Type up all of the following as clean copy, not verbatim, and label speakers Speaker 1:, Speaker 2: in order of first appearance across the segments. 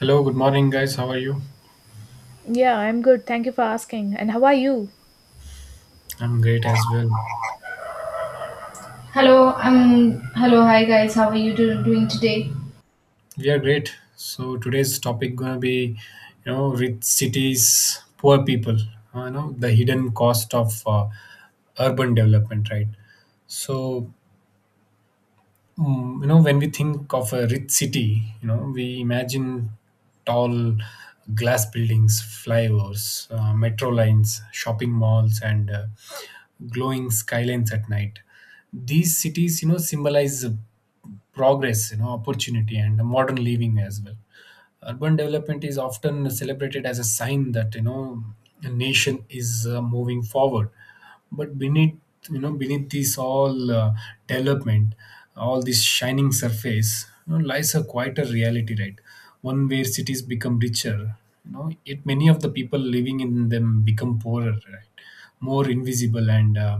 Speaker 1: Hello, good morning, guys. How are you?
Speaker 2: Yeah, I'm good. Thank you for asking. And how are you?
Speaker 1: I'm great as well.
Speaker 3: Hello, I'm Hi guys. How are you doing today?
Speaker 1: We are great. So today's topic gonna be, rich cities, poor people. The hidden cost of urban development, right? So, when we think of a rich city, we imagine tall glass buildings, flyovers, metro lines, shopping malls, and glowing skylines at night. These cities, symbolize progress, opportunity, and modern living as well. Urban development is often celebrated as a sign that a nation is moving forward, but beneath you know beneath this all development, all this shining surface, lies a quieter reality, right? One where cities become richer, yet many of the people living in them become poorer, right? More invisible and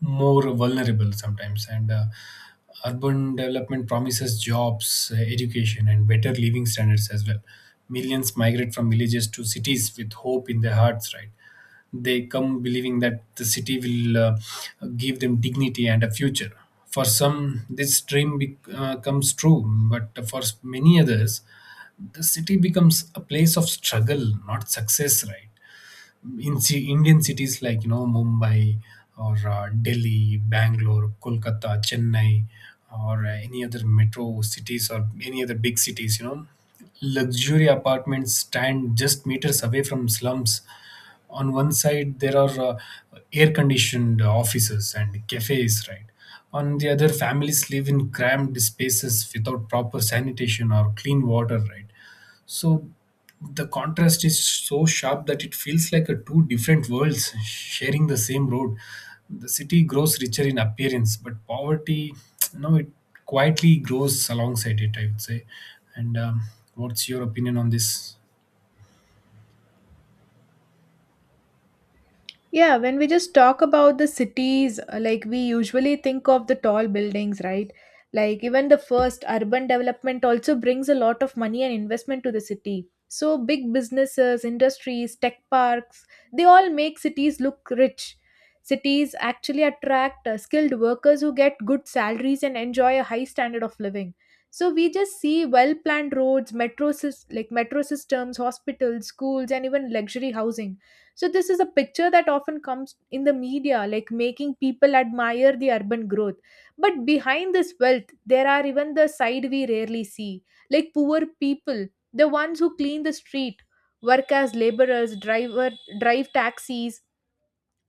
Speaker 1: more vulnerable sometimes, and urban development promises jobs, education, and better living standards as well. Millions migrate from villages to cities with hope in their hearts, right? They come believing that the city will give them dignity and a future. For some, this dream comes true, but for many others, the city becomes a place of struggle, not success, right? In Indian cities like Mumbai, or Delhi, Bangalore, Kolkata, Chennai, or any other metro cities, or any other big cities, luxury apartments stand just meters away from slums. On one side, there are air-conditioned offices and cafes, right? On the other, families live in cramped spaces without proper sanitation or clean water, right? So the contrast is so sharp that it feels like a two different worlds sharing the same road. The city grows richer in appearance, but poverty, it quietly grows alongside it, I would say. And what's your opinion on this?
Speaker 2: Yeah, when we just talk about the cities, like we usually think of the tall buildings, right? Like even the first urban development also brings a lot of money and investment to the city. So big businesses, industries, tech parks, they all make cities look rich. Cities actually attract skilled workers who get good salaries and enjoy a high standard of living. So we just see well planned roads, like metro systems, hospitals, schools and even luxury housing, so this is a picture that often comes in the media, like making people admire the urban growth. But behind this wealth, there are even the side we rarely see, like poor people, the ones who clean the street, work as laborers, drive taxis,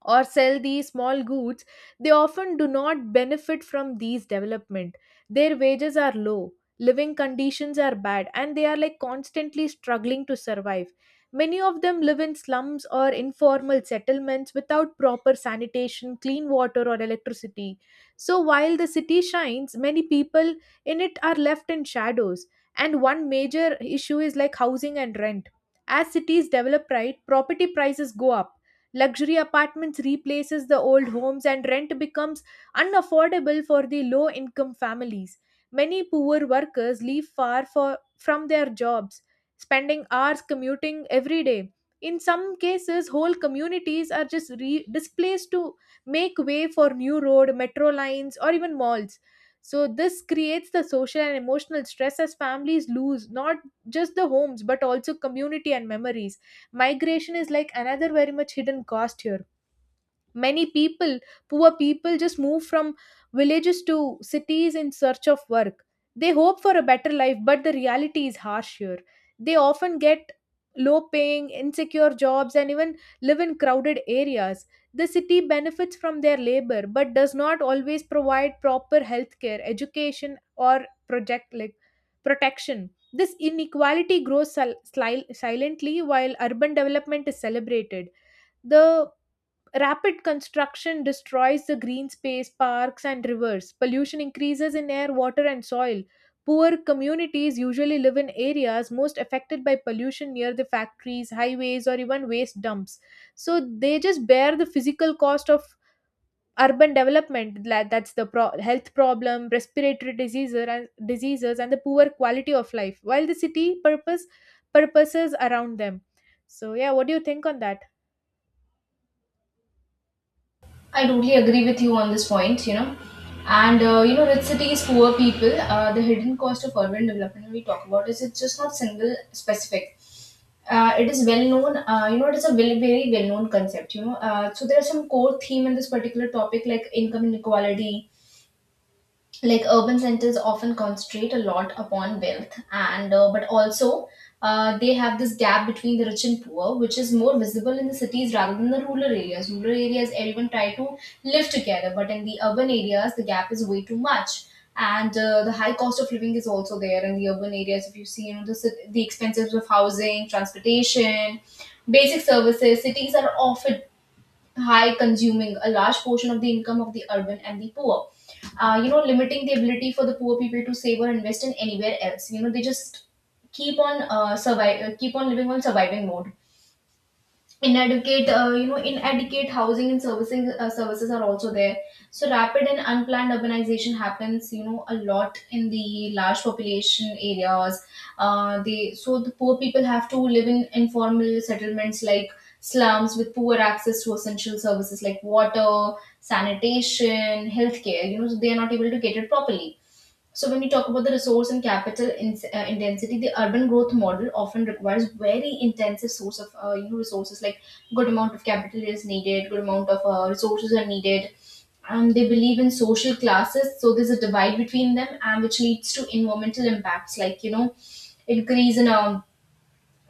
Speaker 2: or sell these small goods. They often do not benefit from these development. Their wages are low, living conditions are bad, and they are like constantly struggling to survive. Many of them live in slums or informal settlements without proper sanitation, clean water or electricity. So while the city shines, many people in it are left in shadows. And one major issue is like housing and rent. As cities develop, right, property prices go up. Luxury apartments replaces the old homes and rent becomes unaffordable for the low income families. Many poor workers leave from their jobs, spending hours commuting every day. In some cases, whole communities are just displaced to make way for new road, metro lines, or even malls. So, this creates the social and emotional stress as families lose not just the homes but also community and memories. Migration is like another very much hidden cost here. Many people, poor people just move from villages to cities in search of work. They hope for a better life, but the reality is harsh here. They often get low paying insecure jobs, and even live in crowded areas. The city benefits from their labor but does not always provide proper healthcare, education or project, like protection. This inequality grows silently while urban development is celebrated. The rapid construction destroys the green space, parks, and rivers. Pollution increases in air, water, and soil. Poor communities usually live in areas most affected by pollution near the factories, highways, or even waste dumps. So they just bear the physical cost of urban development. That's the health problem, respiratory diseases, and diseases, and the poor quality of life. While the city purposes around them. So yeah, what do you think on that?
Speaker 3: I totally agree with you on this point, you know. And you know, rich cities, poor people. The hidden cost of urban development we talk about is it's just not single specific. It is well known. You know, it is a very well known concept. You know, so there are some core theme in this particular topic like income inequality, like urban centers often concentrate a lot upon wealth and but also they have this gap between the rich and poor, which is more visible in the cities rather than the rural areas. Rural areas everyone try to live together, but in the urban areas the gap is way too much. And the high cost of living is also there in the urban areas. If you see, you know, the expenses of housing, transportation, basic services cities are often high, consuming a large portion of the income of the urban and the poor, you know, limiting the ability for the poor people to save or invest in anywhere else. You know, they just keep on survive keep on living on surviving mode. Inadequate, you know, inadequate housing and servicing services are also there. So rapid and unplanned urbanization happens, you know, a lot in the large population areas. They So the poor people have to live in informal settlements like slums with poor access to essential services like water, sanitation, healthcare, you know, so they are not able to get it properly. So when we talk about the resource and capital intensity, the urban growth model often requires very intensive source of, you know, resources. Like good amount of capital is needed, good amount of resources are needed. They believe in social classes, so there's a divide between them, and which leads to environmental impacts like, you know, increase in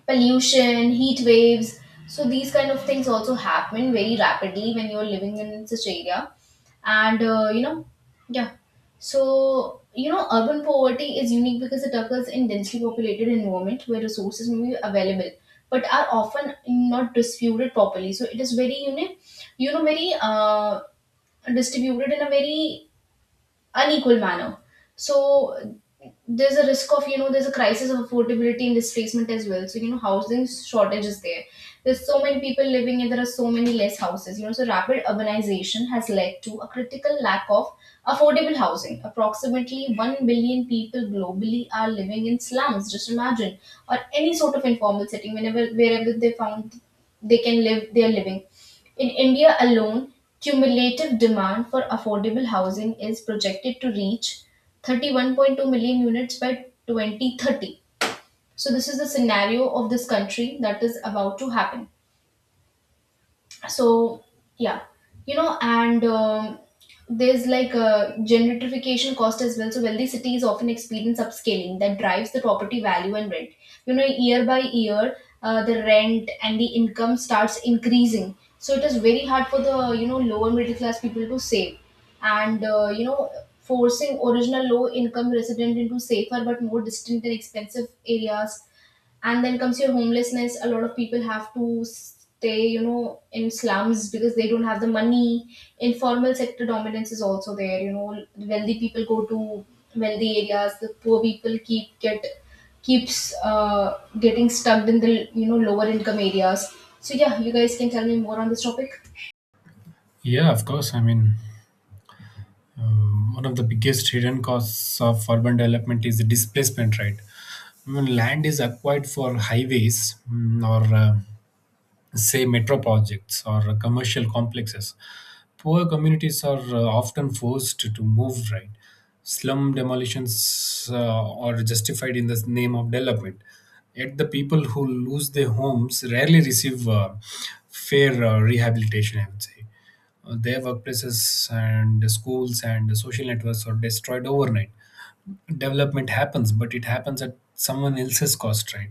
Speaker 3: pollution, heat waves. So these kind of things also happen very rapidly when you're living in such area. And you know, yeah. So you know, urban poverty is unique because it occurs in densely populated environment where resources may be available but are often not distributed properly. So it is very, you know, you know very distributed in a very unequal manner. So there's a risk of, you know, there's a crisis of affordability and displacement as well. So you know, housing shortage is there. There's so many people living and there are so many less houses. You know, so rapid urbanization has led to a critical lack of affordable housing. Approximately 1 billion people globally are living in slums. Just imagine, or any sort of informal setting, whenever wherever they found they can live, they are living. In India alone, cumulative demand for affordable housing is projected to reach 31.2 million units by 2030. So this is the scenario of this country that is about to happen. So yeah, you know. And there's like a gentrification cost as well. So wealthy cities often experience upscaling that drives the property value and rent, you know, year by year. The rent and the income starts increasing, so it is very hard for the, you know, lower middle class people to save. And you know, forcing original low income resident into safer but more distant and expensive areas. And then comes your homelessness. A lot of people have to stay, you know, in slums because they don't have the money. Informal sector dominance is also there, you know. Wealthy people go to wealthy areas, the poor people keeps getting stuck in the, you know, lower income areas. So yeah, you guys can tell me more on this topic.
Speaker 1: Yeah, of course. I mean, one of the biggest hidden costs of urban development is the displacement, right? When land is acquired for highways, mm, or say, metro projects or commercial complexes, poor communities are often forced to move, right? Slum demolitions are justified in the name of development. Yet the people who lose their homes rarely receive fair rehabilitation, I would say. Their workplaces and schools and social networks are destroyed overnight. Development happens, but it happens at someone else's cost, right?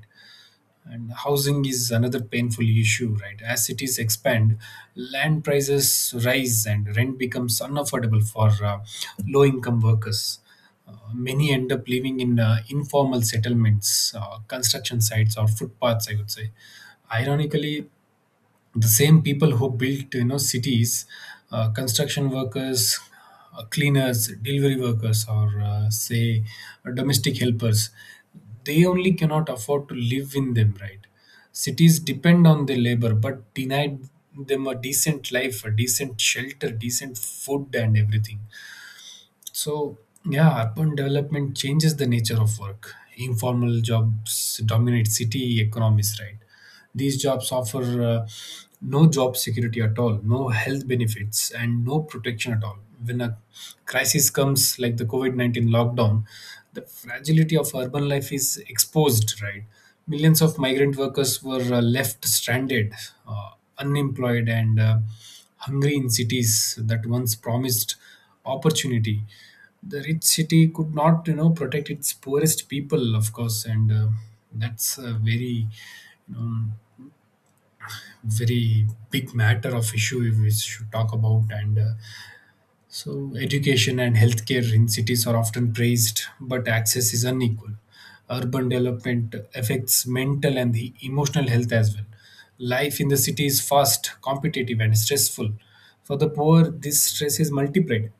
Speaker 1: And housing is another painful issue, right? As cities expand, land prices rise and rent becomes unaffordable for low income workers. Many end up living in informal settlements, construction sites, or footpaths, I would say. Ironically, the same people who built cities, construction workers, cleaners, delivery workers, or say domestic helpers, they only cannot afford to live in them, right? Cities depend on their labor but denied them a decent life, a decent shelter, decent food, and everything. So, yeah, urban development changes the nature of work. Informal jobs dominate city economies, right? These jobs offer no job security at all, no health benefits, and no protection at all. When a crisis comes, like the COVID 19 lockdown, the fragility of urban life is exposed, right? Millions of migrant workers were left stranded, uh, unemployed, and hungry in cities that once promised opportunity. The rich city could not protect its poorest people, of course, and that's a very, you know very big matter of issue we should talk about. And so, education and healthcare in cities are often praised, but access is unequal. Urban development affects mental and the emotional health as well. Life in the city is fast, competitive, and stressful. For the poor, this stress is multiplied.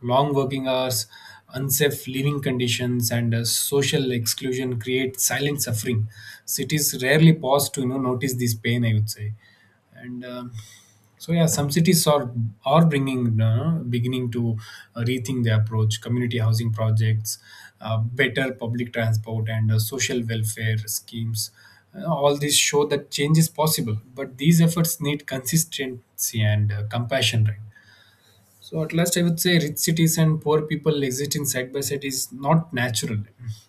Speaker 1: Long working hours, unsafe living conditions, and social exclusion create silent suffering. Cities rarely pause to, notice this pain, I would say. And So yeah, some cities are bringing beginning to rethink their approach: community housing projects, better public transport, and social welfare schemes. All these show that change is possible, but these efforts need consistency and compassion, right? So at last, I would say rich cities and poor people existing side by side is not natural.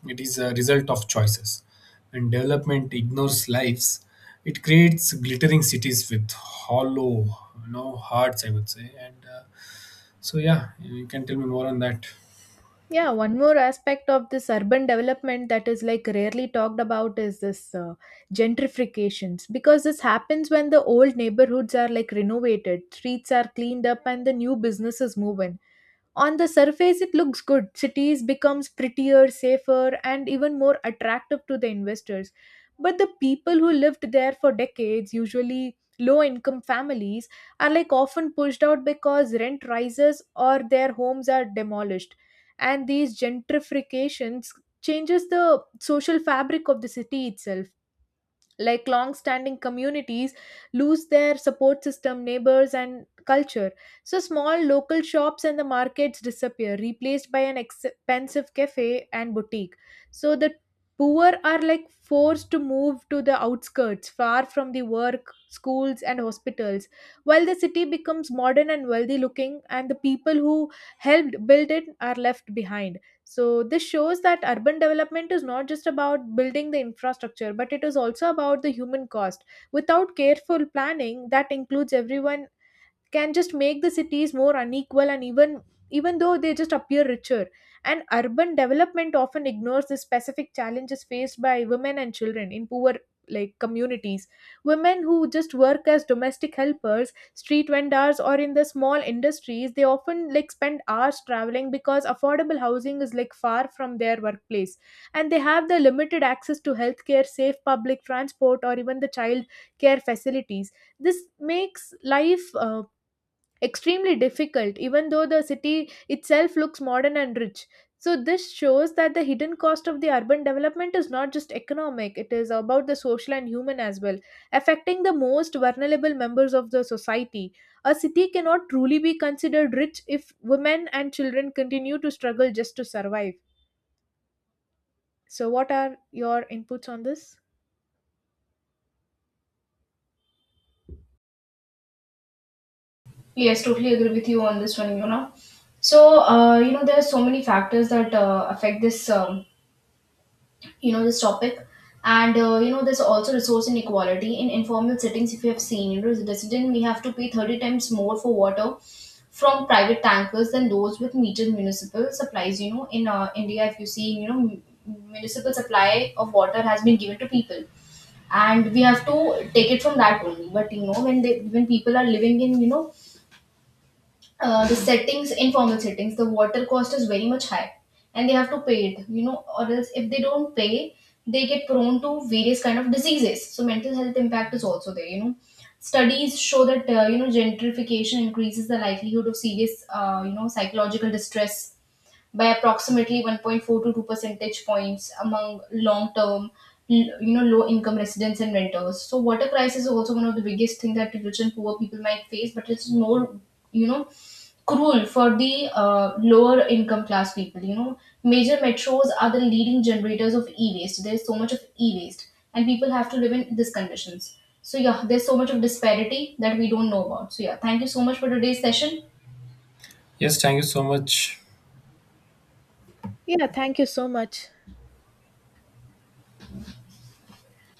Speaker 1: It is a result of choices. When development ignores lives, it creates glittering cities with hollow, hearts, I would say. And so yeah, you can tell me more on that.
Speaker 2: Yeah, one more aspect of this urban development that is like rarely talked about is this gentrifications, because this happens when the old neighborhoods are like renovated, streets are cleaned up, and the new businesses move in. On the surface it looks good, cities becomes prettier, safer and even more attractive to the investors, but the people who lived there for decades, usually low income families, are like often pushed out because rent rises or their homes are demolished. And these gentrifications changes the social fabric of the city itself, like long standing communities lose their support system, neighbors and culture. So small local shops and the markets disappear, replaced by an expensive cafe and boutique. So the poor are like forced to move to the outskirts, far from the work, schools and hospitals, while the city becomes modern and wealthy looking, and the people who helped build it are left behind. So, this shows that urban development is not just about building the infrastructure, but it is also about the human cost. Without careful planning that includes everyone, can just make the cities more unequal and even though they just appear richer. And urban development often ignores the specific challenges faced by women and children in poor like communities. Women who just work as domestic helpers, street vendors or in the small industries, they often like spend hours traveling because affordable housing is like far from their workplace, and they have the limited access to healthcare, safe public transport or even the child care facilities. This makes life extremely difficult, even though the city itself looks modern and rich. So, this shows that the hidden cost of the urban development is not just economic, it is about the social and human as well, affecting the most vulnerable members of the society. A city cannot truly be considered rich if women and children continue to struggle just to survive. So, what are your inputs on this?
Speaker 3: Yes, totally agree with you on this one, you know. So you know, there are so many factors that affect this, you know, this topic. And you know, there's also resource inequality in informal settings. If you have seen, you know, as a resident we have to pay 30 times more for water from private tankers than those with metered municipal supplies, you know, in India. If you see, you know, municipal supply of water has been given to people and we have to take it from that only. But you know, when they when people are living in, you know, the settings informal settings, the water cost is very much high and they have to pay it. You know, or else if they don't pay, they get prone to various kind of diseases. So mental health impact is also there, you know. Studies show that, you know, gentrification increases the likelihood of serious, you know, psychological distress by approximately 1.4 to 2 percentage points among long term, you know, low income residents and renters. So water crisis is also one of the biggest thing that rich and poor people might face, but it's more, you know, cruel for the, lower income class people. You know, major metros are the leading generators of e waste. There's so much of e waste, and people have to live in these conditions. So yeah, there's so much of disparity that we don't know about. So yeah, thank you so much for today's session.
Speaker 1: Yes, thank you so much.
Speaker 2: Yeah, thank you so much.